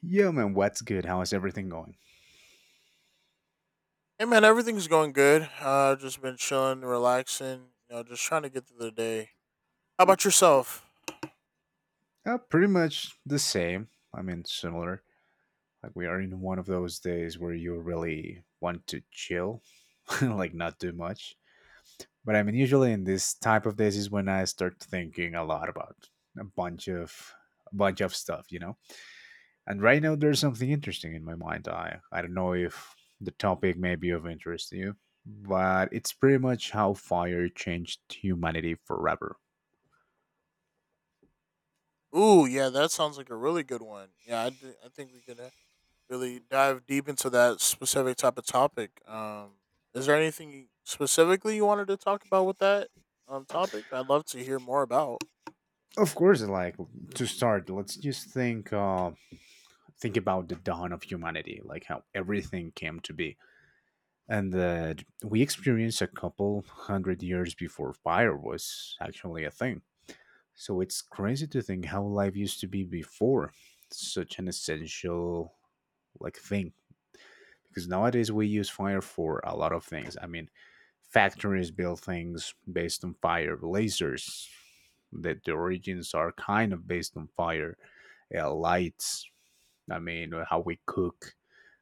Yo, man, what's good? How is everything going? Hey man, everything's going good. Just been chilling, relaxing. You know, just trying to get through the day. How about yourself? Pretty much the same. I mean, similar. Like, we are in one of those days where you really want to chill, like, not do much. But I mean, usually in this type of days is when I start thinking a lot about a bunch of a bunch of stuff, you know. And right now, there's something interesting in my mind. I don't know if the topic may be of interest to you, but it's pretty much how fire changed humanity forever. Ooh, yeah, that sounds like a really good one. Yeah, I think we could really dive deep into that specific type of topic. Is there anything specifically you wanted to talk about with that topic? I'd love to hear more about. Of course, like to start, let's just think about the dawn of humanity, like how everything came to be, and that we experienced a couple hundred years before fire was actually a thing. So it's crazy to think how life used to be before such an essential like thing, because nowadays we use fire for a lot of things. I mean, factories build things based on fire, lasers that the origins are kind of based on fire, lights. I mean, how we cook,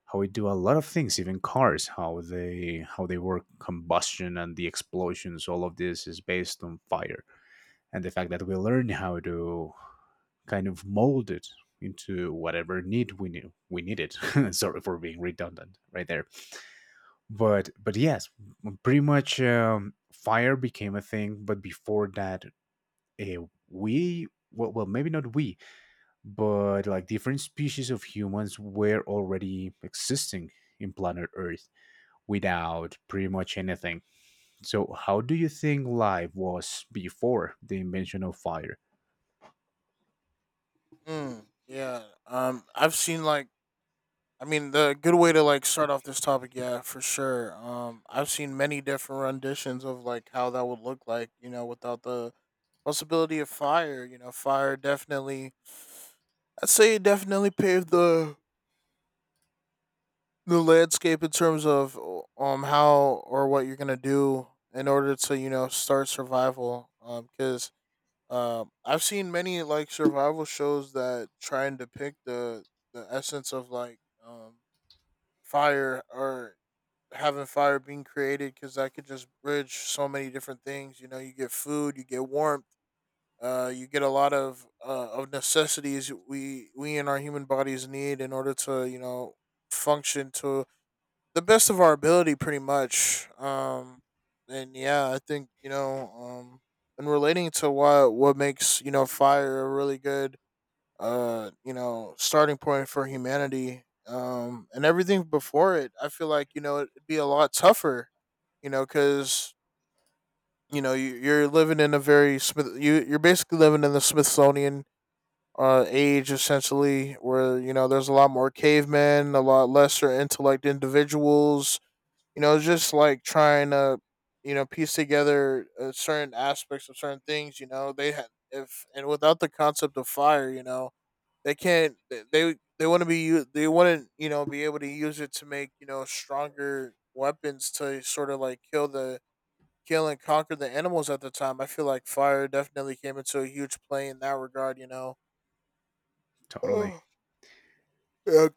how we do a lot of things, even cars, how they work combustion and the explosions. All of this is based on fire, and the fact that we learn how to kind of mold it into whatever need we need it. Sorry for being redundant right there, but yes, pretty much fire became a thing. But before that, uh, we, well, maybe not we, but like different species of humans were already existing in planet earth without pretty much anything. So how do you think life was before the invention of fire? Mm, yeah. I've seen like, I mean, the good way to like start off this topic, yeah, for sure. I've seen many different renditions of like how that would look like, you know, without the possibility of fire. You know, fire definitely, I'd say, it definitely paved the landscape in terms of how or what you're gonna do in order to, you know, start survival. Because I've seen many like survival shows that try and depict the essence of like, fire or having fire being created, because that could just bridge so many different things. You know, you get food, you get warmth, you get a lot of necessities we in our human bodies need in order to, you know, function to the best of our ability, pretty much. And yeah, I think, you know, and relating to what makes, you know, fire a really good you know, starting point for humanity, and everything before it, I feel like, you know, it'd be a lot tougher, you know, because, you know, you're living in a very smith you, you're basically living in the Smithsonian age, essentially, where, you know, there's a lot more cavemen, a lot lesser intellect individuals, you know, just like trying to, you know, piece together certain aspects of certain things, you know, they had if and without the concept of fire. You know, they can't they, want to be, they want to, you know, be able to use it to make, you know, stronger weapons to sort of like kill and conquer the animals at the time. I feel like fire definitely came into a huge play in that regard, you know. Totally. Oh, yeah,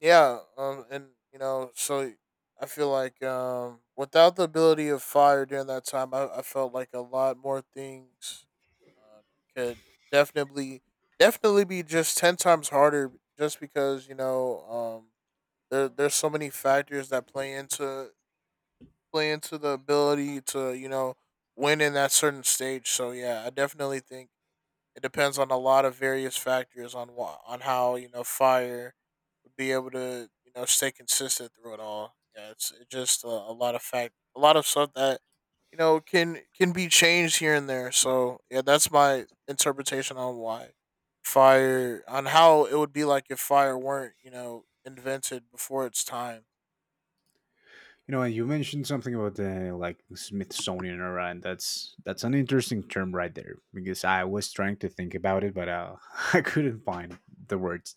yeah. And, you know, so I feel like, without the ability of fire during that time, I felt like a lot more things um, could definitely definitely be just 10 times harder, just because, you know, um there's so many factors that play into the ability to, you know, win in that certain stage. So yeah, I definitely think it depends on a lot of various factors on on how, you know, fire would be able to, you know, stay consistent through it all. Yeah, it's it just a lot of a lot of stuff that, you know, can be changed here and there. So yeah, that's my interpretation on why fire on how it would be like if fire weren't, you know, invented before its time. You know, and you mentioned something about the like Smithsonian era, and that's an interesting term right there, because I was trying to think about it, but I couldn't find the words.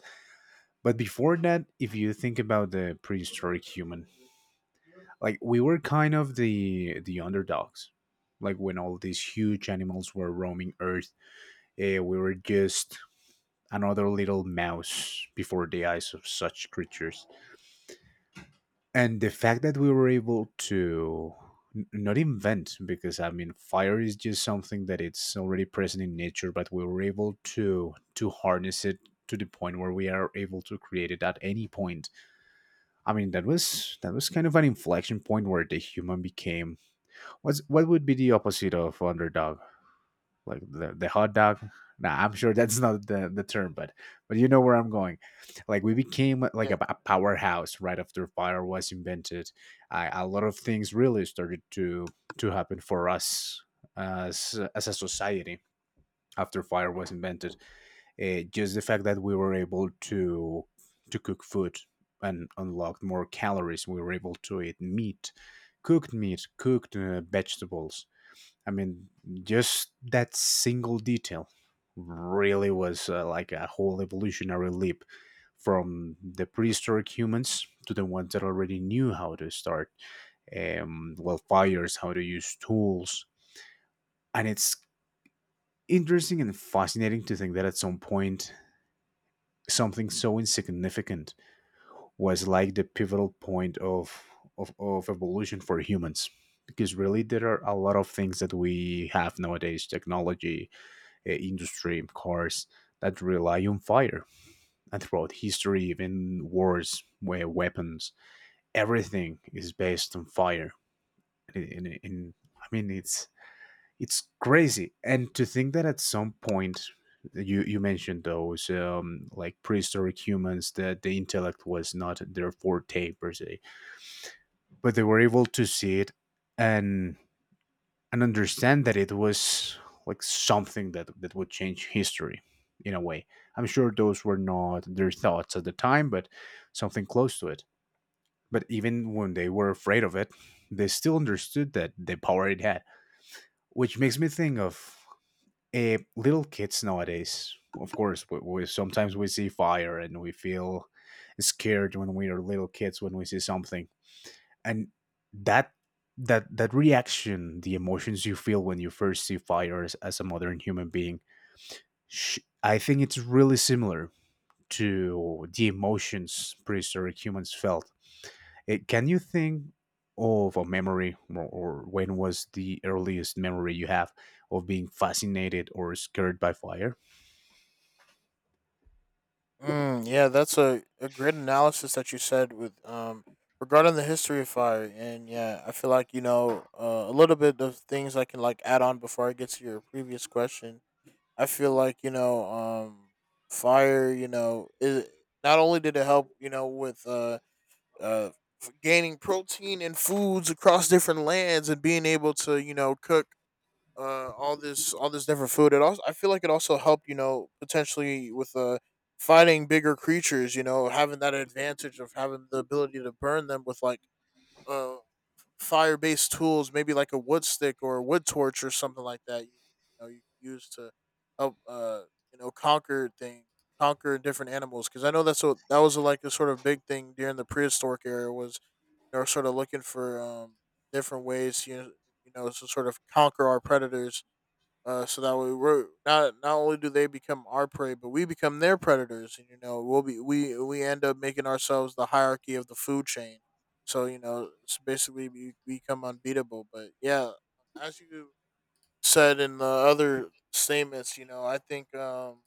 But before that, if you think about the prehistoric human, like we were kind of the underdogs, like when all these huge animals were roaming Earth, we were just another little mouse before the eyes of such creatures. And the fact that we were able to not invent, because I mean fire is just something that it's already present in nature, but we were able to harness it to the point where we are able to create it at any point. I mean, that was kind of an inflection point where the human became what's what would be the opposite of underdog, like the hot dog. Nah, I'm sure that's not the term, but you know where I'm going. Like we became like Yeah. a powerhouse right after fire was invented. I, a lot of things really started to happen for us, as a society, after fire was invented. Just the fact that we were able to cook food and unlocked more calories, we were able to eat meat, cooked meat, cooked vegetables. I mean, just that single detail really was like a whole evolutionary leap from the prehistoric humans to the ones that already knew how to start well, fires, how to use tools. And it's interesting and fascinating to think that at some point, something so insignificant was like the pivotal point of of evolution for humans, because really there are a lot of things that we have nowadays: technology, industry, cars that rely on fire. And throughout history, even wars, where weapons, everything is based on fire. And, and- and- I mean, it's crazy. And to think that at some point, you mentioned those like prehistoric humans that the intellect was not their forte per se, but they were able to see it and and understand that it was like something that that would change history in a way. I'm sure those were not their thoughts at the time, but something close to it. But even when they were afraid of it, they still understood that the power it had, which makes me think of little kids nowadays. Of course, sometimes we see fire and we feel scared when we are little kids when we see something. And that that reaction, the emotions you feel when you first see fire as a modern human being, I think it's really similar to the emotions prehistoric humans felt. It, can you think of a memory, or when was the earliest memory you have of being fascinated or scared by fire? Mm, yeah, that's a great analysis that you said with regarding the history of fire. And yeah, I feel like, you know, a little bit of things I can like add on before I get to your previous question. I feel like, you know, fire, you know, is not only did it help, you know, with uh gaining protein and foods across different lands and being able to, you know, cook, all this different food. It also, I feel like it also helped, you know, potentially with fighting bigger creatures. You know, having that advantage of having the ability to burn them with like uh fire based tools, maybe like a wood stick or a wood torch or something like that. You know, you can use to help, you know, conquer different animals, because I know that's what that was like a sort of big thing during the prehistoric era was they were sort of looking for different ways, you know, you know, to sort of conquer our predators, so that way we're not only do they become our prey, but we become their predators, and, you know, we'll be we end up making ourselves the hierarchy of the food chain. So, you know, it's basically we become unbeatable. But yeah, as you said in the other statements, you know, I think um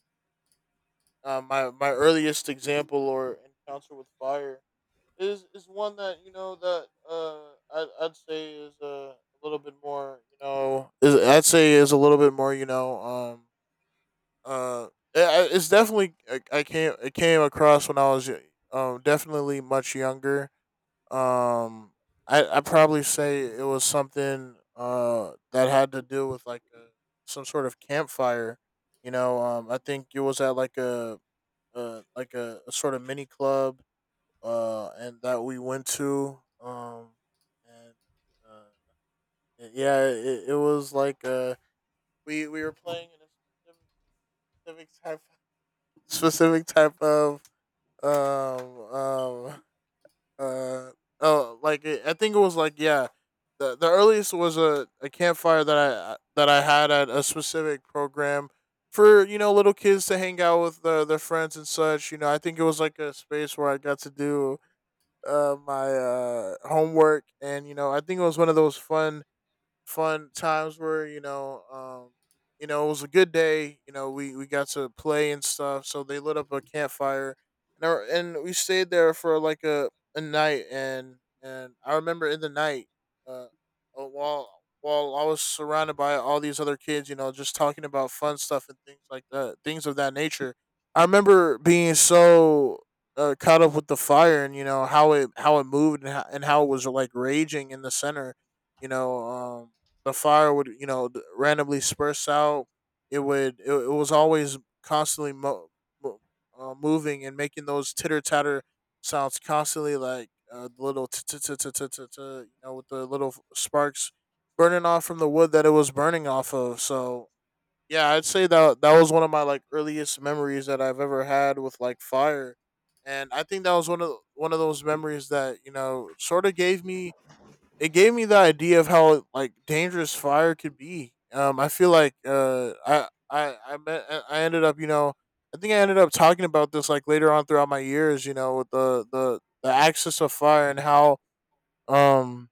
uh, my earliest example or encounter with fire is one that, you know, that I'd say is a little bit more, you know, is I'd say is a little bit more, you know, uh, it's definitely I came it came across when I was definitely much younger. Um, I probably say it was something that had to do with like some sort of campfire. You know, I think it was at like a like a sort of mini club and that we went to and uh yeah, it was like we were playing in a civic specific type of um um uh oh like I think it was like, yeah, the earliest was a campfire that I had at a specific program for, you know, little kids to hang out with, their friends and such. You know, I think it was like a space where I got to do my homework, and, you know, I think it was one of those fun times were. You know, it was a good day. You know, we got to play and stuff. So they lit up a campfire, and and we stayed there for like a night. And I remember in the night, uh, uh, while while I was surrounded by all these other kids, you know, just talking about fun stuff and things like that, things of that nature. I remember being so caught up with the fire and, you know, how it moved, and and how it was like raging in the center, you know. The fire would, you know, randomly spurts out. It would, it was always constantly mo- moving and making those titter tatter sounds constantly, like, the little you know, with the little sparks burning off from the wood that it was burning off of. So yeah, I'd say that that was one of my like earliest memories that I've ever had with like fire. And I think that was one of those memories that, you know, sort of gave me, it gave me the idea of how like dangerous fire could be. I feel like, I ended up, you know, I think I ended up talking about this like later on throughout my years. You know, with the axis of fire and how um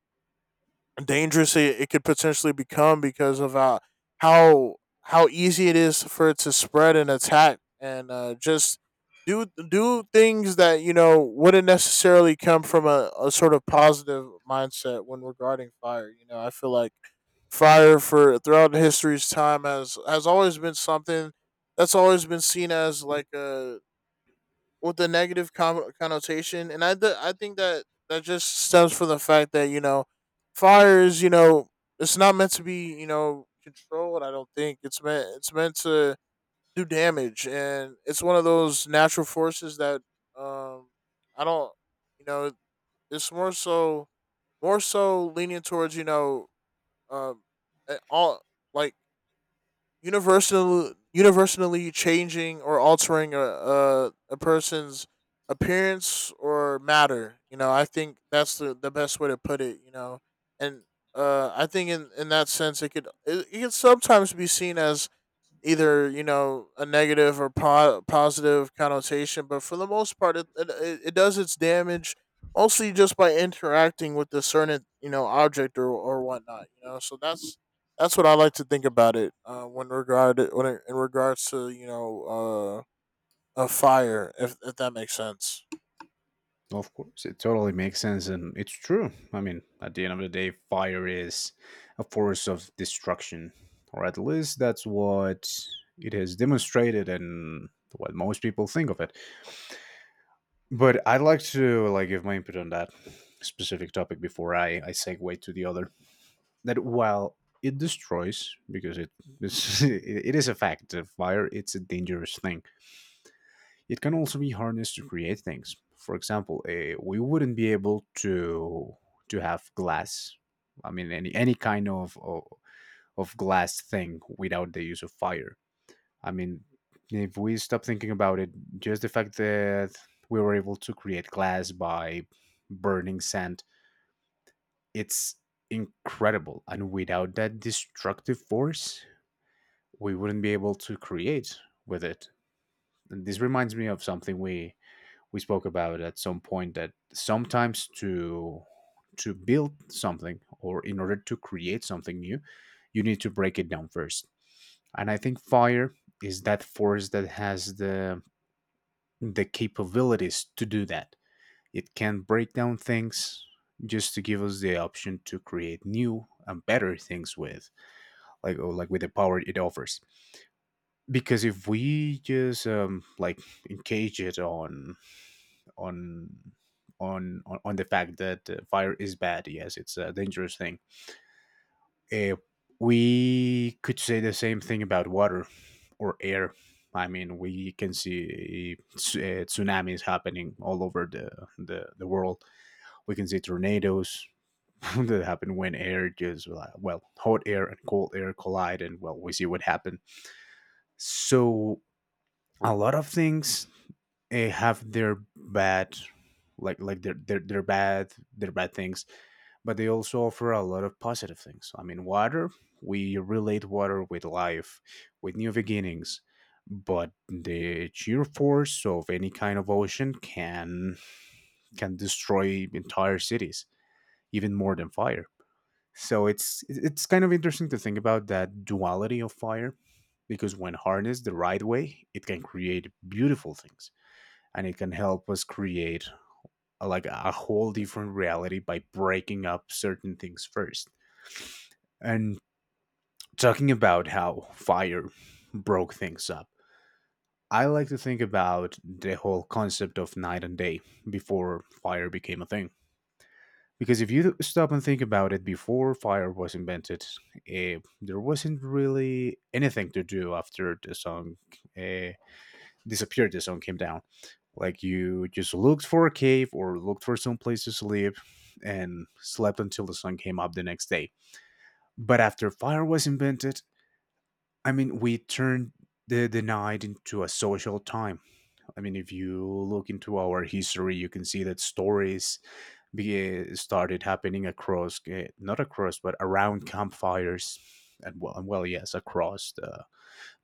dangerous it could potentially become because of, how how easy it is for it to spread and attack, and, just do things that, you know, wouldn't necessarily come from a sort of positive mindset when regarding fire. You know, I feel like fire for throughout history's time has always been something that's always been seen as like a with the negative connotation, and I I think that that just stems from the fact that, you know, fire is, you know, it's not meant to be, you know, controlled. I don't think it's meant to do damage, and it's one of those natural forces that, um I don't you know, it's more so leaning towards, you know, um all like universally changing or altering a person's appearance or matter. You know, I think that's the best way to put it. You know, and, I think in that sense, it could it could sometimes be seen as either, you know, a negative or positive connotation, but for the most part it does its damage mostly just by interacting with the certain, you know, object or whatnot. You know, so that's what I like to think about it, when regard when it, in regards to, you know, a fire, if that makes sense. Of course, it totally makes sense, and it's true. I mean, at the end of the day, fire is a force of destruction, or at least that's what it has demonstrated and what most people think of it. But I'd like to like give my input on that specific topic before I segue to the other. That while it destroys, because it it is a fact that fire it's a dangerous thing, it can also be harnessed to create things. For example, we wouldn't be able to have glass. I mean, any kind of glass thing without the use of fire. I mean, if we stop thinking about it, just the fact that we were able to create glass by burning sand, it's incredible. And without that destructive force, we wouldn't be able to create with it. And this reminds me of something we spoke about at some point, that sometimes to build something, or in order to create something new, you need to break it down first. And I think fire is that force that has the capabilities to do that. It can break down things just to give us the option to create new and better things with, like, or like with the power it offers. Because if we just like encage it on on on the fact that fire is bad. Yes, it's a dangerous thing. Uh, we could say the same thing about water or air. I mean, we can see tsunamis happening all over the world. We can see tornadoes that happen when air just, well, hot air and cold air collide, and well, we see what happened. So a lot of things have their bad, like their bad things, but they also offer a lot of positive things. I mean, water, we relate water with life, with new beginnings, but the sheer force of any kind of ocean can destroy entire cities, even more than fire. So it's kind of interesting to think about that duality of fire, because when harnessed the right way, it can create beautiful things, and it can help us create a, like a whole different reality by breaking up certain things first. And talking about how fire broke things up. I like to think about the whole concept of night and day before fire became a thing. Because if you stop and think about it, before fire was invented, there wasn't really anything to do after the song uh, disappeared, the song came down. Like you just looked for a cave or looked for some place to sleep, and slept until the sun came up the next day. But after fire was invented, I mean, we turned the night into a social time. I mean, if you look into our history, you can see that stories started happening across, not across, but around campfires, and well, yes, across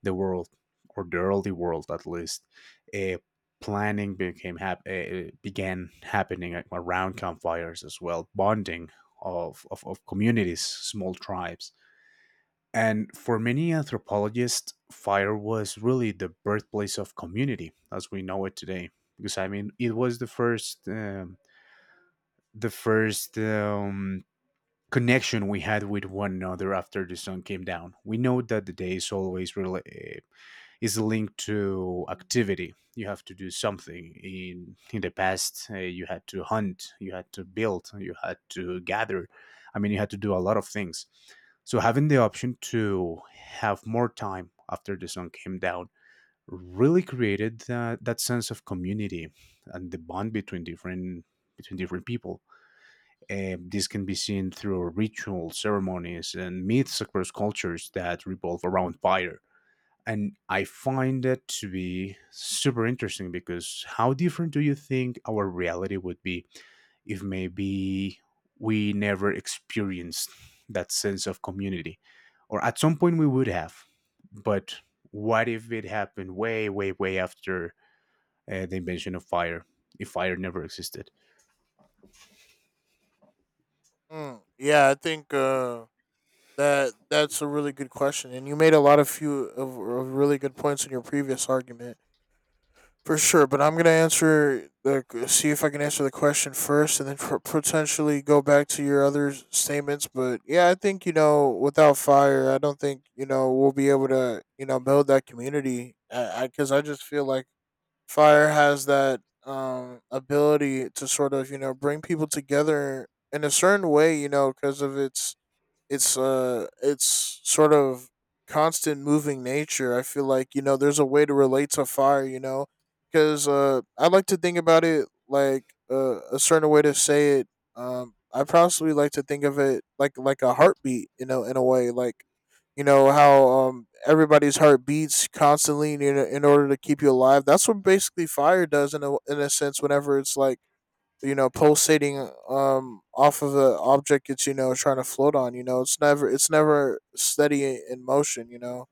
the world, or the early world at least. Uh, Planning became began happening like, around campfires as well, bonding of communities, small tribes. And for many anthropologists, fire was really the birthplace of community as we know it today. Because I mean, it was the first connection we had with one another after the sun came down. We know that the day is always is linked to activity. You have to do something. In the past, you had to hunt, you had to build, you had to gather. I mean, you had to do a lot of things. So having the option to have more time after the sun came down really created that, that sense of community and the bond between different people. This can be seen through rituals, ceremonies, and myths across cultures that revolve around fire. And I find that to be super interesting because how different do you think our reality would be if maybe we never experienced that sense of community? Or at some point we would have. But what if it happened way, way, way after the invention of fire? If fire never existed? Mm, yeah, I think that that's a really good question, and you made a lot of few of really good points in your previous argument for sure. But I'm gonna answer the see if I can answer the question first, and then potentially go back to your other statements. But yeah, I think you know without fire, I don't think you know we'll be able to you know build that community. I because I, 'cause I just feel like fire has that ability to sort of you know bring people together in a certain way, you know, because of its it's sort of constant moving nature. I feel like you know there's a way to relate to fire, you know, because I like to think about it like, a certain way to say it, I possibly like to think of it like a heartbeat, you know, in a way, like, you know how everybody's heart beats constantly in order to keep you alive. That's what basically fire does in a sense whenever it's like, you know, pulsating off of the object. It's, you know, trying to float on. You know, it's never steady in motion, you know.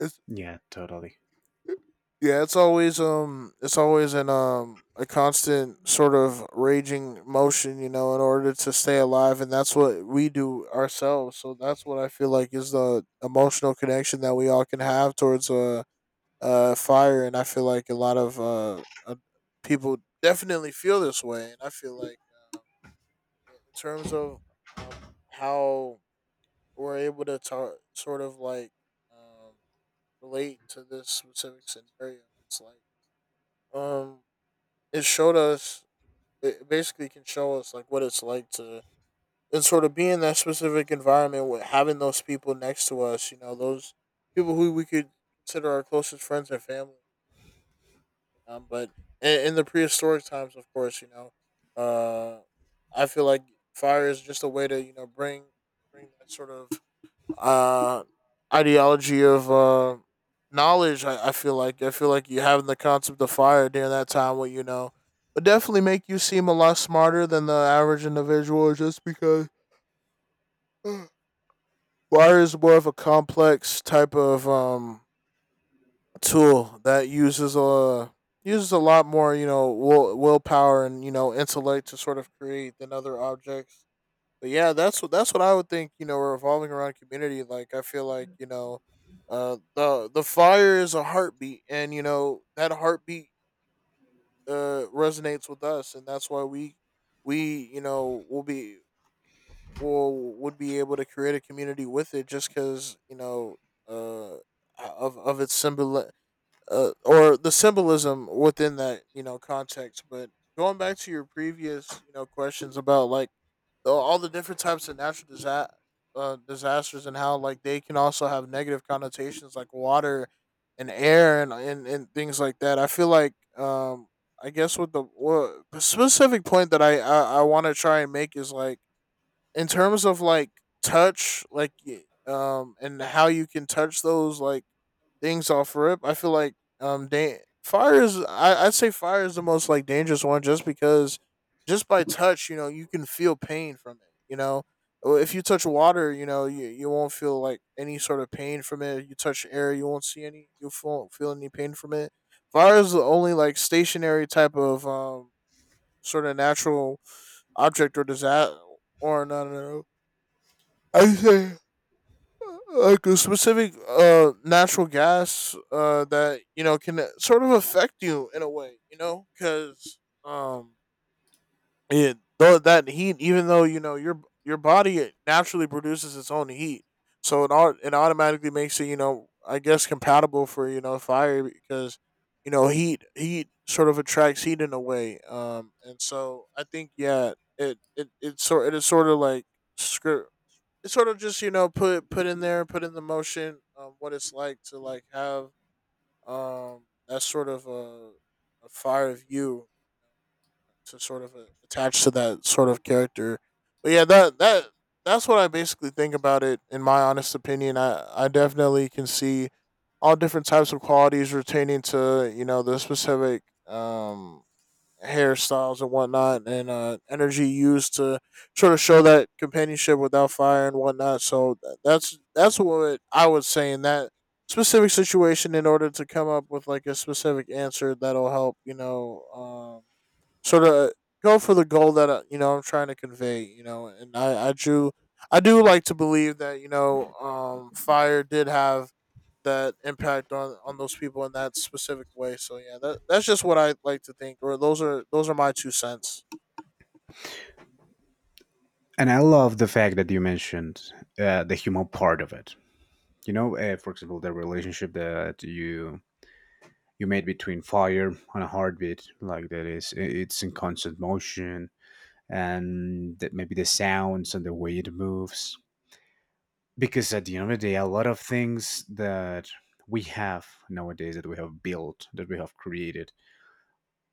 It's Yeah, totally. Yeah, it's always, it's always in, a constant sort of raging motion, you know, in order to stay alive, and that's what we do ourselves. So that's what I feel like is the emotional connection that we all can have towards a fire. And I feel like a lot of people definitely feel this way. And I feel like, in terms of, um, how we're able to sort of like, um, relate to this specific scenario. It's like, um, it showed us. It basically can show us like what it's like to and sort of be in that specific environment with having those people next to us. You know, those people who we could consider our closest friends and family. But in the prehistoric times, of course, you know, uh, I feel like fire is just a way to, you know, bring that sort of, uh, ideology of, knowledge. I feel like you having the concept of fire during that time, what, you know, would definitely make you seem a lot smarter than the average individual, just because fire is more of a complex type of, tool that uses a lot more, you know, willpower and, you know, intellect to sort of create than other objects. But yeah, that's what I would think. You know, revolving around community. Like I feel like, you know, the fire is a heartbeat, and you know that heartbeat resonates with us, and that's why we you know will be — will would be able to create a community with it, just because you know, uh of its symbol, or the symbolism within that context. But going back to your previous, you know, questions about like, though all the different types of natural disasters and how like they can also have negative connotations like water and air and and things like that. I feel like, I guess with the — the specific point that I want to try and make is like, in terms of like touch, like, and how you can touch those like things off rip. I feel like, fire is — I'd say fire is the most like dangerous one, just because just by touch, you know, you can feel pain from it. You know, or if you touch water, you know, you won't feel like any sort of pain from it. You touch air, you won't see any, you won't feel any pain from it. Fire is the only like stationary type of, sort of natural object or disaster — or no no no, I say like a specific natural gas that, you know, can, sort of affect you in a way, you know, because it — though that heat, even though you know your body naturally produces its own heat, so it automatically makes it, you know, I guess compatible for, you know, fire, because you know heat sort of attracts heat in a way. And so I think, yeah, it is sort of like — script — it sort of just, you know, put in there, put in the motion, what it's like to like have that sort of a fire of you to sort of, attach to that sort of character. But yeah, that's what I basically think about it. In my honest opinion, I definitely can see all different types of qualities retaining to, you know, the specific, hairstyles and whatnot, and, energy used to sort of show that companionship without fire and whatnot. So that's what I would say in that specific situation in order to come up with like a specific answer that'll help, you know, sort of go for the goal that, you know, I'm trying to convey. You know, and I do like to believe that, you know, fire did have that impact on those people in that specific way. So yeah, that's just what I like to think, or those are my two cents. And I love the fact that you mentioned the human part of it. You know, for example, the relationship that you made between fire and a heartbeat, like that is it's in constant motion, and that maybe the sounds and the way it moves. Because at the end of the day, a lot of things that we have nowadays that we have built, that we have created,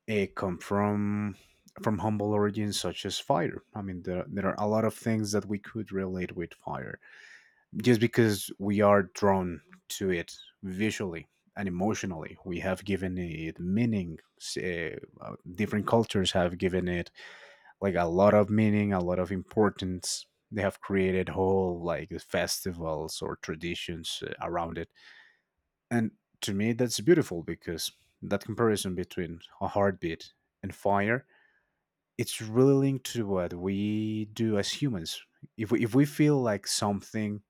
it come from humble origins such as fire. I mean, there are a lot of things that we could relate with fire just because we are drawn to it visually, and emotionally we have given it different cultures have given it like a lot of meaning, a lot of importance. They have created whole like festivals or traditions around it. And to me that's beautiful because that comparison between a heartbeat and fire, it's really linked to what we do as humans. If we feel like something,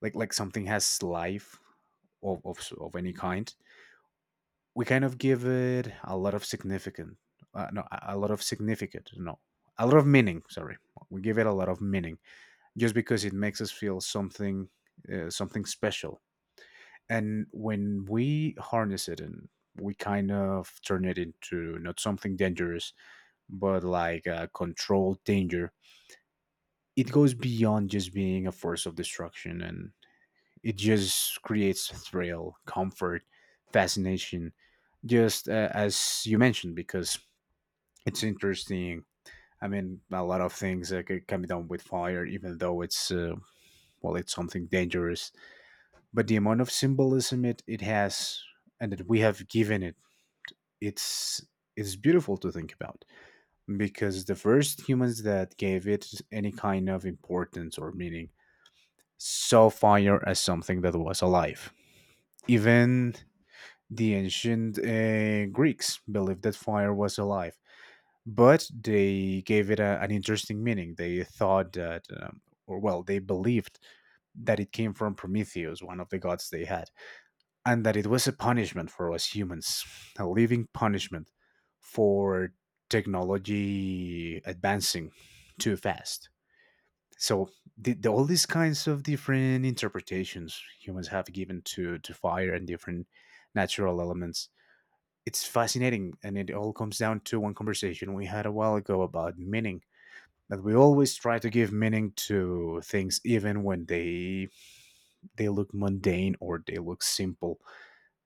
like something has life of any kind, we kind of give it a lot of significant, no, a lot of significant, no, a lot of meaning. Sorry, we give it a lot of meaning just because it makes us feel something, something special. And when we harness it and we kind of turn it into not something dangerous, but like a controlled danger, it goes beyond just being a force of destruction, and it just creates thrill, comfort, fascination, just as you mentioned, because it's interesting. I mean, a lot of things can be done with fire, even though it's well, it's something dangerous. But the amount of symbolism it has, and that we have given it, it's it's beautiful to think about, because the first humans that gave it any kind of importance or meaning saw fire as something that was alive. Even the ancient Greeks believed that fire was alive, but they gave it a, an interesting meaning. They thought that, or well, they believed that it came from Prometheus, one of the gods they had, and that it was a punishment for us humans, a living punishment for technology advancing too fast. So all these kinds of different interpretations humans have given to fire and different natural elements, it's fascinating, and it all comes down to one conversation we had a while ago about meaning. That we always try to give meaning to things even when they look mundane or they look simple,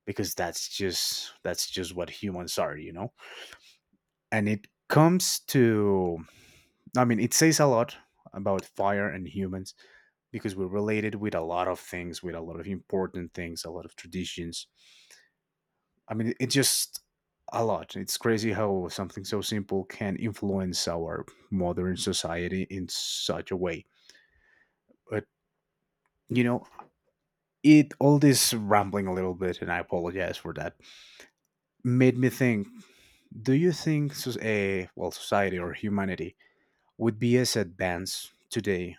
because that's just what humans are, you know. And it comes to, I mean, it says a lot about fire and humans, because we're related with a lot of things, with a lot of important things, a lot of traditions. I mean, it just a lot. It's crazy how something so simple can influence our modern society in such a way. But you know, it all this rambling a little bit, and I apologize for that. Made me think: do you think well, society or humanity would be as advanced today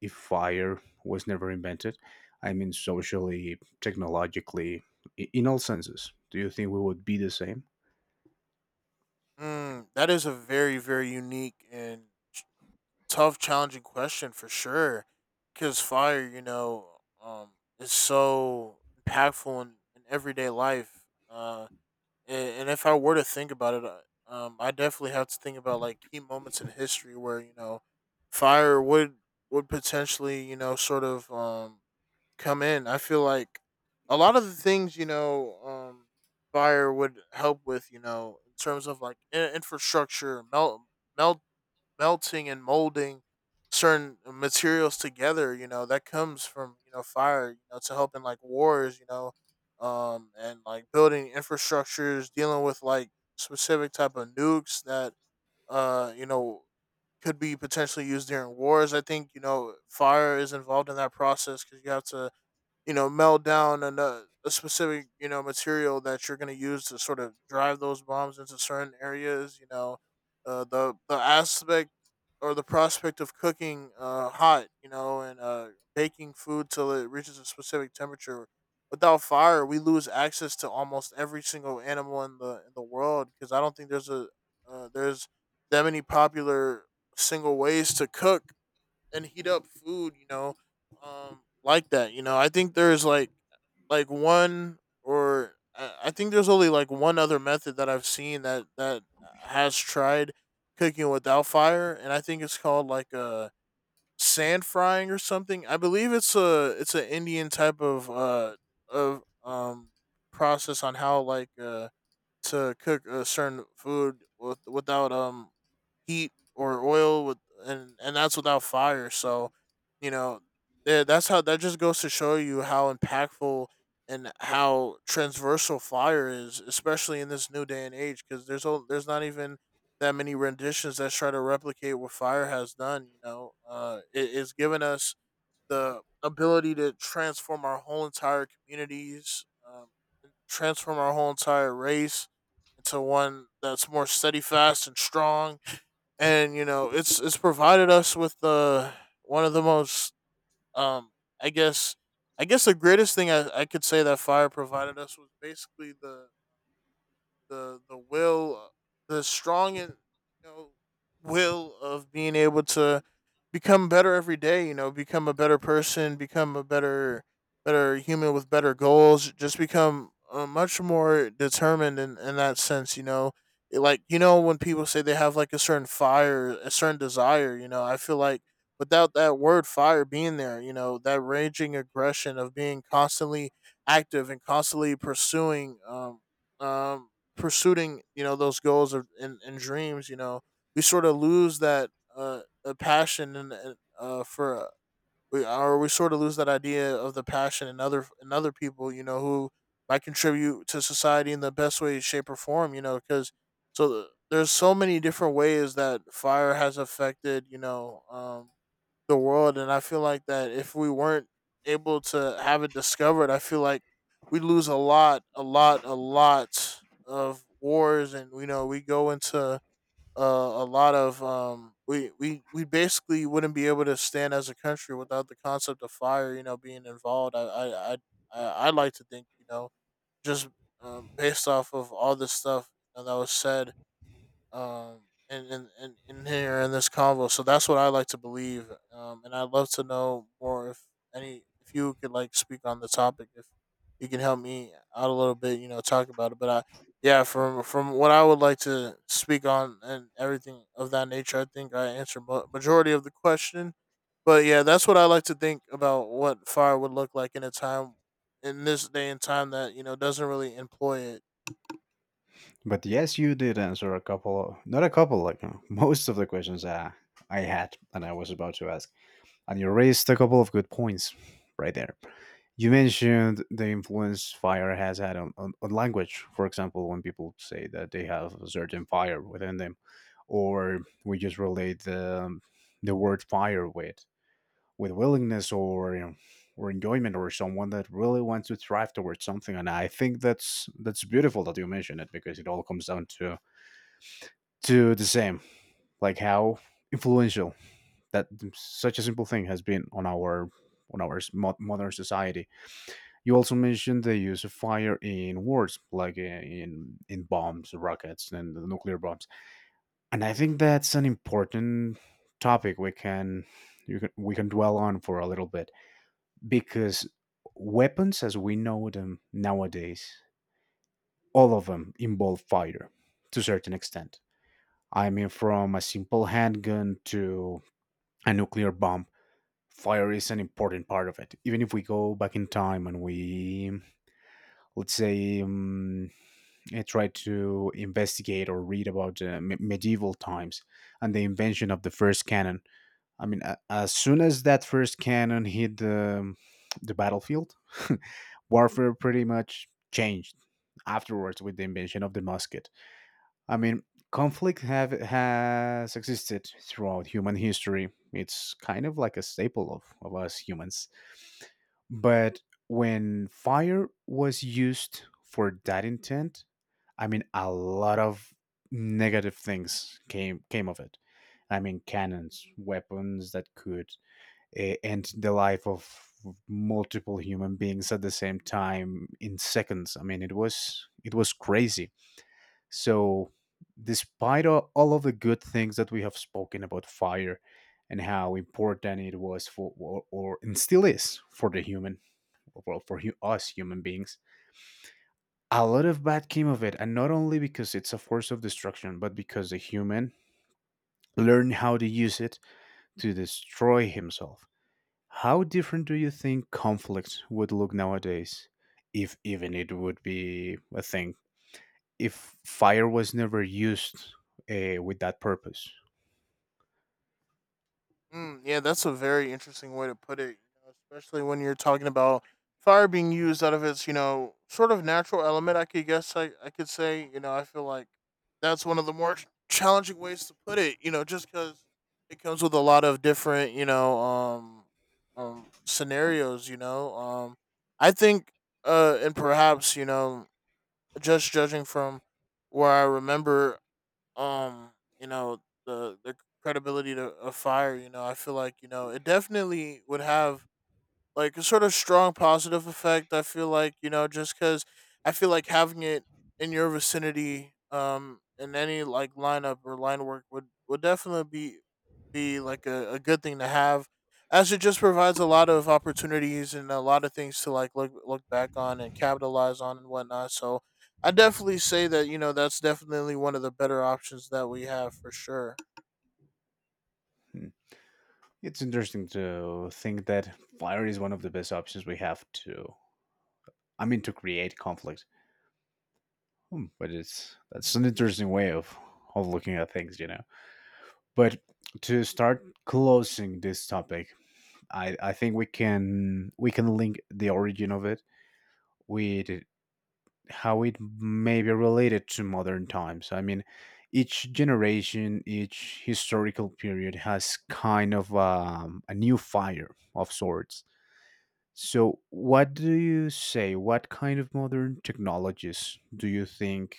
if fire was never invented? I mean, socially, technologically, in all senses. Do you think we would be the same? Mm, that is a very very unique and tough, challenging question for sure. Because fire, you know, um, is so impactful in everyday life. And if I were to think about it, I definitely have to think about like key moments in history where, you know, fire would potentially, you know, sort of come in. I feel like a lot of the things, you know, fire would help with, you know, in terms of like infrastructure — melting and molding certain materials together, you know. That comes from, you know, fire, you know, to helping like wars, you know, and like building infrastructures, dealing with like specific type of nukes that, you know, could be potentially used during wars. I think, you know, fire is involved in that process because you have to, you know, meld down and a specific, you know, material that you're going to use to sort of drive those bombs into certain areas, you know. The aspect or the prospect of cooking, hot, you know, and, baking food till it reaches a specific temperature. Without fire we lose access to almost every single animal in the world, because I don't think there's a there's that many popular single ways to cook and heat up food, you know, like that. You know, I think there's like one, or I think there's only like one other method that I've seen that has tried cooking without fire, and I think it's called like a sand frying or something. I believe it's a it's an Indian type of, of um process on how like, to cook a certain food with, without heat or oil with — and that's without fire. So, you know, yeah, that's how — that just goes to show you how impactful and how transversal fire is, especially in this new day and age, because there's not even that many renditions that try to replicate what fire has done, you know. It's given us the ability to transform our whole entire communities, transform our whole entire race into one that's more steady fast and strong, and, you know, it's provided us with, one of the most, um i guess I guess the greatest thing I could say that fire provided us was basically the will, the strong and, you know, will of being able to become better every day. You know, become a better person, become a better human with better goals. Just become, much more determined in that sense. You know, like, you know, when people say they have like a certain fire, a certain desire. You know, I feel like without that word fire being there, you know, that raging aggression of being constantly active and constantly pursuing um, pursuing you know those goals and dreams you know we sort of lose that passion and, for we sort of lose that idea of the passion in other people you know who might contribute to society in the best way shape or form you know because so there's so many different ways that fire has affected you know the world, and I feel like that if we weren't able to have it discovered, I feel like we lose a lot of wars and you know we go into a lot of we basically wouldn't be able to stand as a country without the concept of fire you know being involved. I like to think you know just based off of all this stuff you know, that was said, um, in here in this convo. So that's what I like to believe. And I'd love to know more if any, if you could like speak on the topic, if you can help me out a little bit, you know, talk about it. But I, yeah, from what I would like to speak on and everything of that nature, I think I answered majority of the question. But yeah, that's what I like to think about what fire would look like in a time in this day and time that you know doesn't really employ it. But yes, you did answer a couple, not a couple, like most of the questions I had and I was about to ask. And you raised a couple of good points right there. You mentioned the influence fire has had on language, for example, when people say that they have a certain fire within them, or we just relate the word fire with willingness or. You know, or enjoyment or someone that really wants to thrive towards something, and I think that's beautiful that you mentioned it, because it all comes down to the same, like how influential that such a simple thing has been on our modern society. You also mentioned the use of fire in wars, like in bombs, rockets and the nuclear bombs. And I think that's an important topic we can, you can, we can dwell on for a little bit, because weapons as we know them nowadays, all of them involve fire to a certain extent. I mean, from a simple handgun to a nuclear bomb, fire is an important part of it. Even if we go back in time and we, let's say, try to investigate or read about medieval times and the invention of the first cannon. I mean, as soon as that first cannon hit the battlefield, warfare pretty much changed afterwards with the invention of the musket. I mean, conflict have has existed throughout human history. It's kind of like a staple of us humans. But when fire was used for that intent, I mean, a lot of negative things came of it. I mean, cannons, weapons that could end the life of multiple human beings at the same time in seconds. I mean, it was crazy. So, despite all of the good things that we have spoken about fire, and how important it was for, or and still is for the human, well, for us human beings, a lot of bad came of it. And not only because it's a force of destruction, but because the human learned how to use it to destroy himself. How different do you think conflict would look nowadays, if even it would be a thing? If fire was never used with that purpose. Mm, yeah, that's a very interesting way to put it, you know, especially when you're talking about fire being used out of its, you know, sort of natural element. I could guess, I could say, you know, I feel like that's one of the more challenging ways to put it, you know, just because it comes with a lot of different, you know, scenarios, you know, I think, and perhaps, you know, just judging from where I remember um you know the credibility of fire. You know, I feel like, you know, it definitely would have like a sort of strong positive effect. I feel like, you know, just because I feel like having it in your vicinity in any like lineup or line work would definitely be like a good thing to have, as it just provides a lot of opportunities and a lot of things to like look back on and capitalize on and whatnot. So I definitely say that, you know, that's definitely one of the better options that we have for sure. Hmm. It's interesting to think that fire is one of the best options we have to, I mean, to create conflict. Hmm, but it's that's an interesting way of looking at things, you know. But to start closing this topic, I think we can link the origin of it with how it may be related to modern times. I mean, each generation, each historical period has kind of a new fire of sorts. So, what do you say? What kind of modern technologies do you think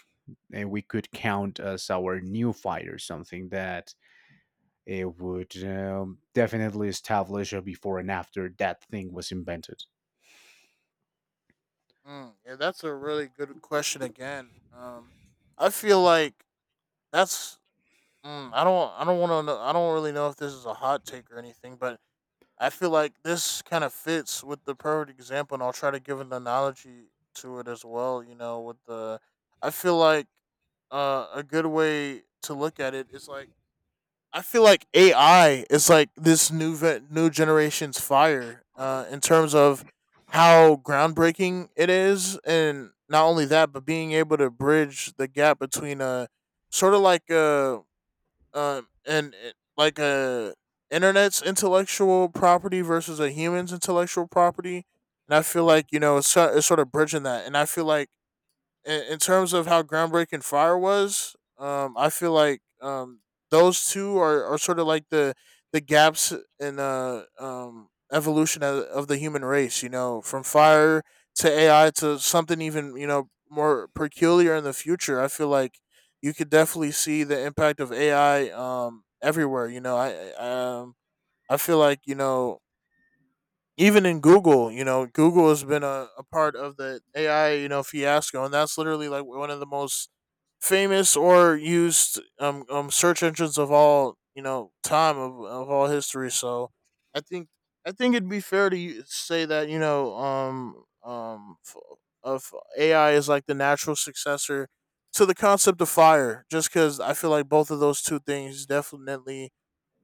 we could count as our new fight, or something that it would definitely establish a before and after that thing was invented? Mm, yeah, that's a really good question again. I feel like that's, mm, I don't want to, I don't really know if this is a hot take or anything, but I feel like this kind of fits with the perfect example, and I'll try to give an analogy to it as well. You know, with the, I feel like a good way to look at it is like I feel like AI is like this new new generation's fire in terms of how groundbreaking it is, and not only that, but being able to bridge the gap between a sort of like a like a internet's intellectual property versus a human's intellectual property. And I feel like, you know, it's, it's sort of bridging that, and I feel like in terms of how groundbreaking fire was, I feel like, those two are sort of like the gaps in evolution of the human race. You know, from fire to AI to something even you know more peculiar in the future. I feel like you could definitely see the impact of AI everywhere. You know, I feel like you know even in Google, you know, Google has been a part of the AI, you know, fiasco, and that's literally like one of the most famous or used search engines of all you know time of all history. So I think I think it'd be fair to say that, you know, of AI is like the natural successor to the concept of fire, just because I feel like both of those two things definitely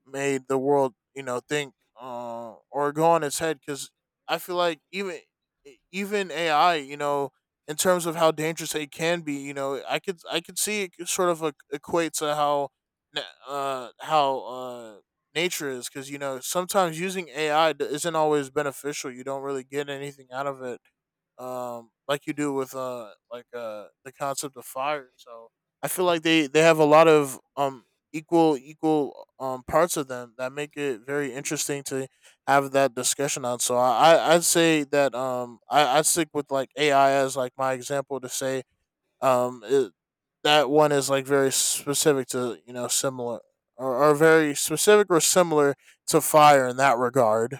made the world, you know, think, or go on its head. Because I feel like even even AI, you know, in terms of how dangerous it can be, you know, I could see it could sort of like equate to how na- uh how uh nature is, because you know sometimes using AI isn't always beneficial. You don't really get anything out of it like you do with the concept of fire. So I feel like they have a lot of equal parts of them that make it very interesting to have that discussion on. So I'd say that I stick with like AI as like my example to say it, that one is like very specific to you know similar or very specific or similar to fire in that regard.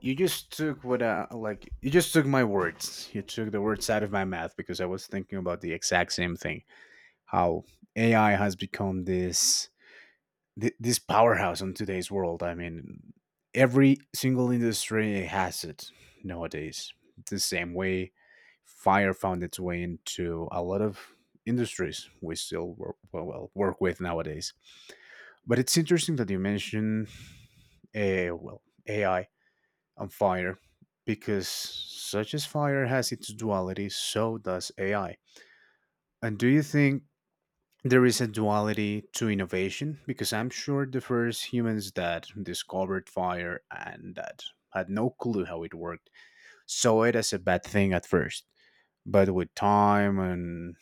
You just took what I like. You just took my words. You took the words out of my mouth, because I was thinking about the exact same thing. How AI has become this this powerhouse in today's world. I mean, every single industry has it nowadays. The same way fire found its way into a lot of industries we still work, well, well, work with nowadays. But it's interesting that you mention, well, AI and fire, because such as fire has its duality, so does AI. And do you think there is a duality to innovation, because I'm sure the first humans that discovered fire and that had no clue how it worked saw it as a bad thing at first. But with time and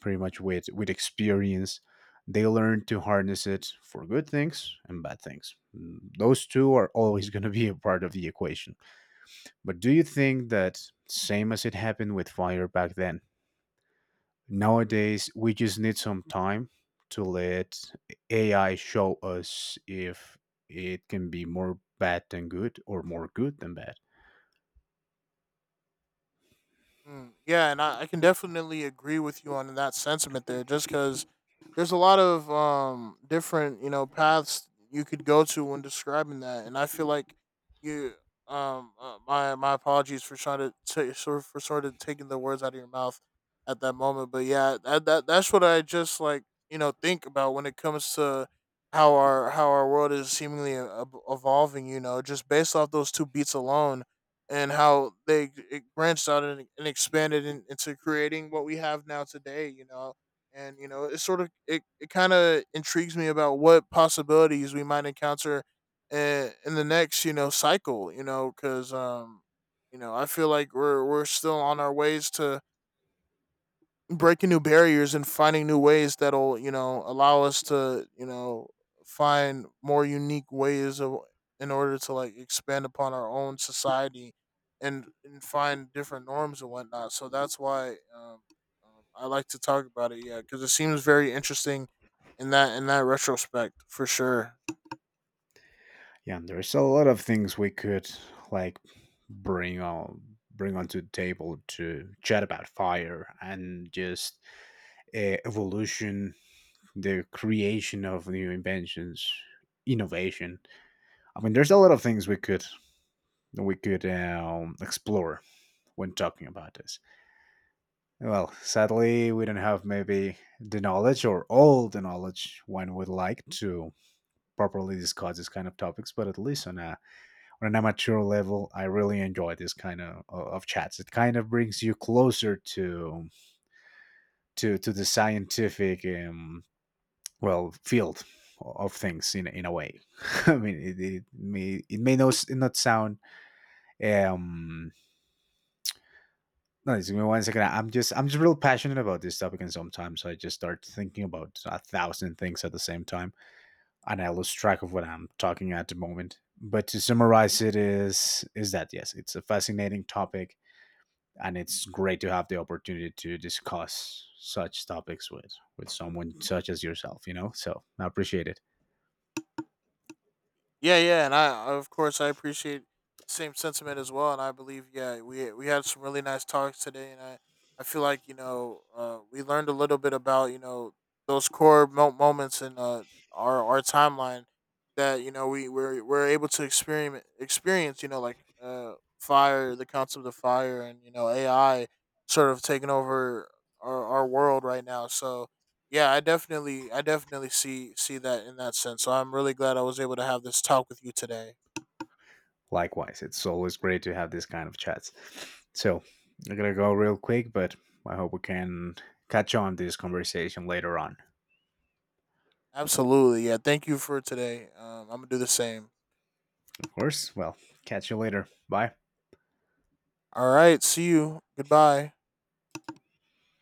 pretty much with experience, they learned to harness it for good things and bad things. Mm, those two are always going to be a part of the equation. But do you think that, same as it happened with fire back then, nowadays, we just need some time to let AI show us if it can be more bad than good or more good than bad. Mm, yeah, and I can definitely agree with you on that sentiment there. Just because there's a lot of different you know paths you could go to when describing that, and I feel like you my my apologies for trying to for sort of taking the words out of your mouth at that moment. But yeah, that's what I just like you know think about when it comes to how our world is seemingly evolving. You know, just based off those two beats alone and how they it branched out and expanded into creating what we have now today, you know. And you know it sort of it kind of intrigues me about what possibilities we might encounter in the next you know cycle, you know. Because you know I feel like we're still on our ways to breaking new barriers and finding new ways that'll you know allow us to you know find more unique ways of in order to like expand upon our own society and find different norms and whatnot. So that's why I like to talk about it, yeah, because it seems very interesting in that retrospect for sure. Yeah, and there's a lot of things we could like bring on bring onto the table to chat about fire and just evolution, the creation of new inventions, innovation. I mean, there's a lot of things we could explore when talking about this. Well, sadly, we don't have maybe the knowledge or all the knowledge one would like to properly discuss this kind of topics. But at least on a on an amateur level, I really enjoy this kind of chats. It kind of brings you closer to the scientific well field of things in a way. I mean, it may not not sound um no, just give me one second. I'm just real passionate about this topic, and sometimes I just start thinking about a thousand things at the same time, and I lose track of what I'm talking at the moment. But to summarize, it is that yes, it's a fascinating topic, and it's great to have the opportunity to discuss such topics with someone such as yourself. You know, so I appreciate it. Yeah, yeah, and I of course I appreciate the same sentiment as well, and I believe yeah we had some really nice talks today, and I feel like you know we learned a little bit about you know those core moments in our timeline that you know we're able to experiment experience you know like fire, the concept of fire, and you know AI sort of taking over our world right now. So yeah, I definitely see that in that sense. So I'm really glad I was able to have this talk with you today. Likewise, it's always great to have this kind of chats. So I'm gonna go real quick, but I hope we can catch on this conversation later on. Absolutely. Yeah, thank you for today. I'm going to do the same. Of course. Well, catch you later. Bye. All right, see you. Goodbye.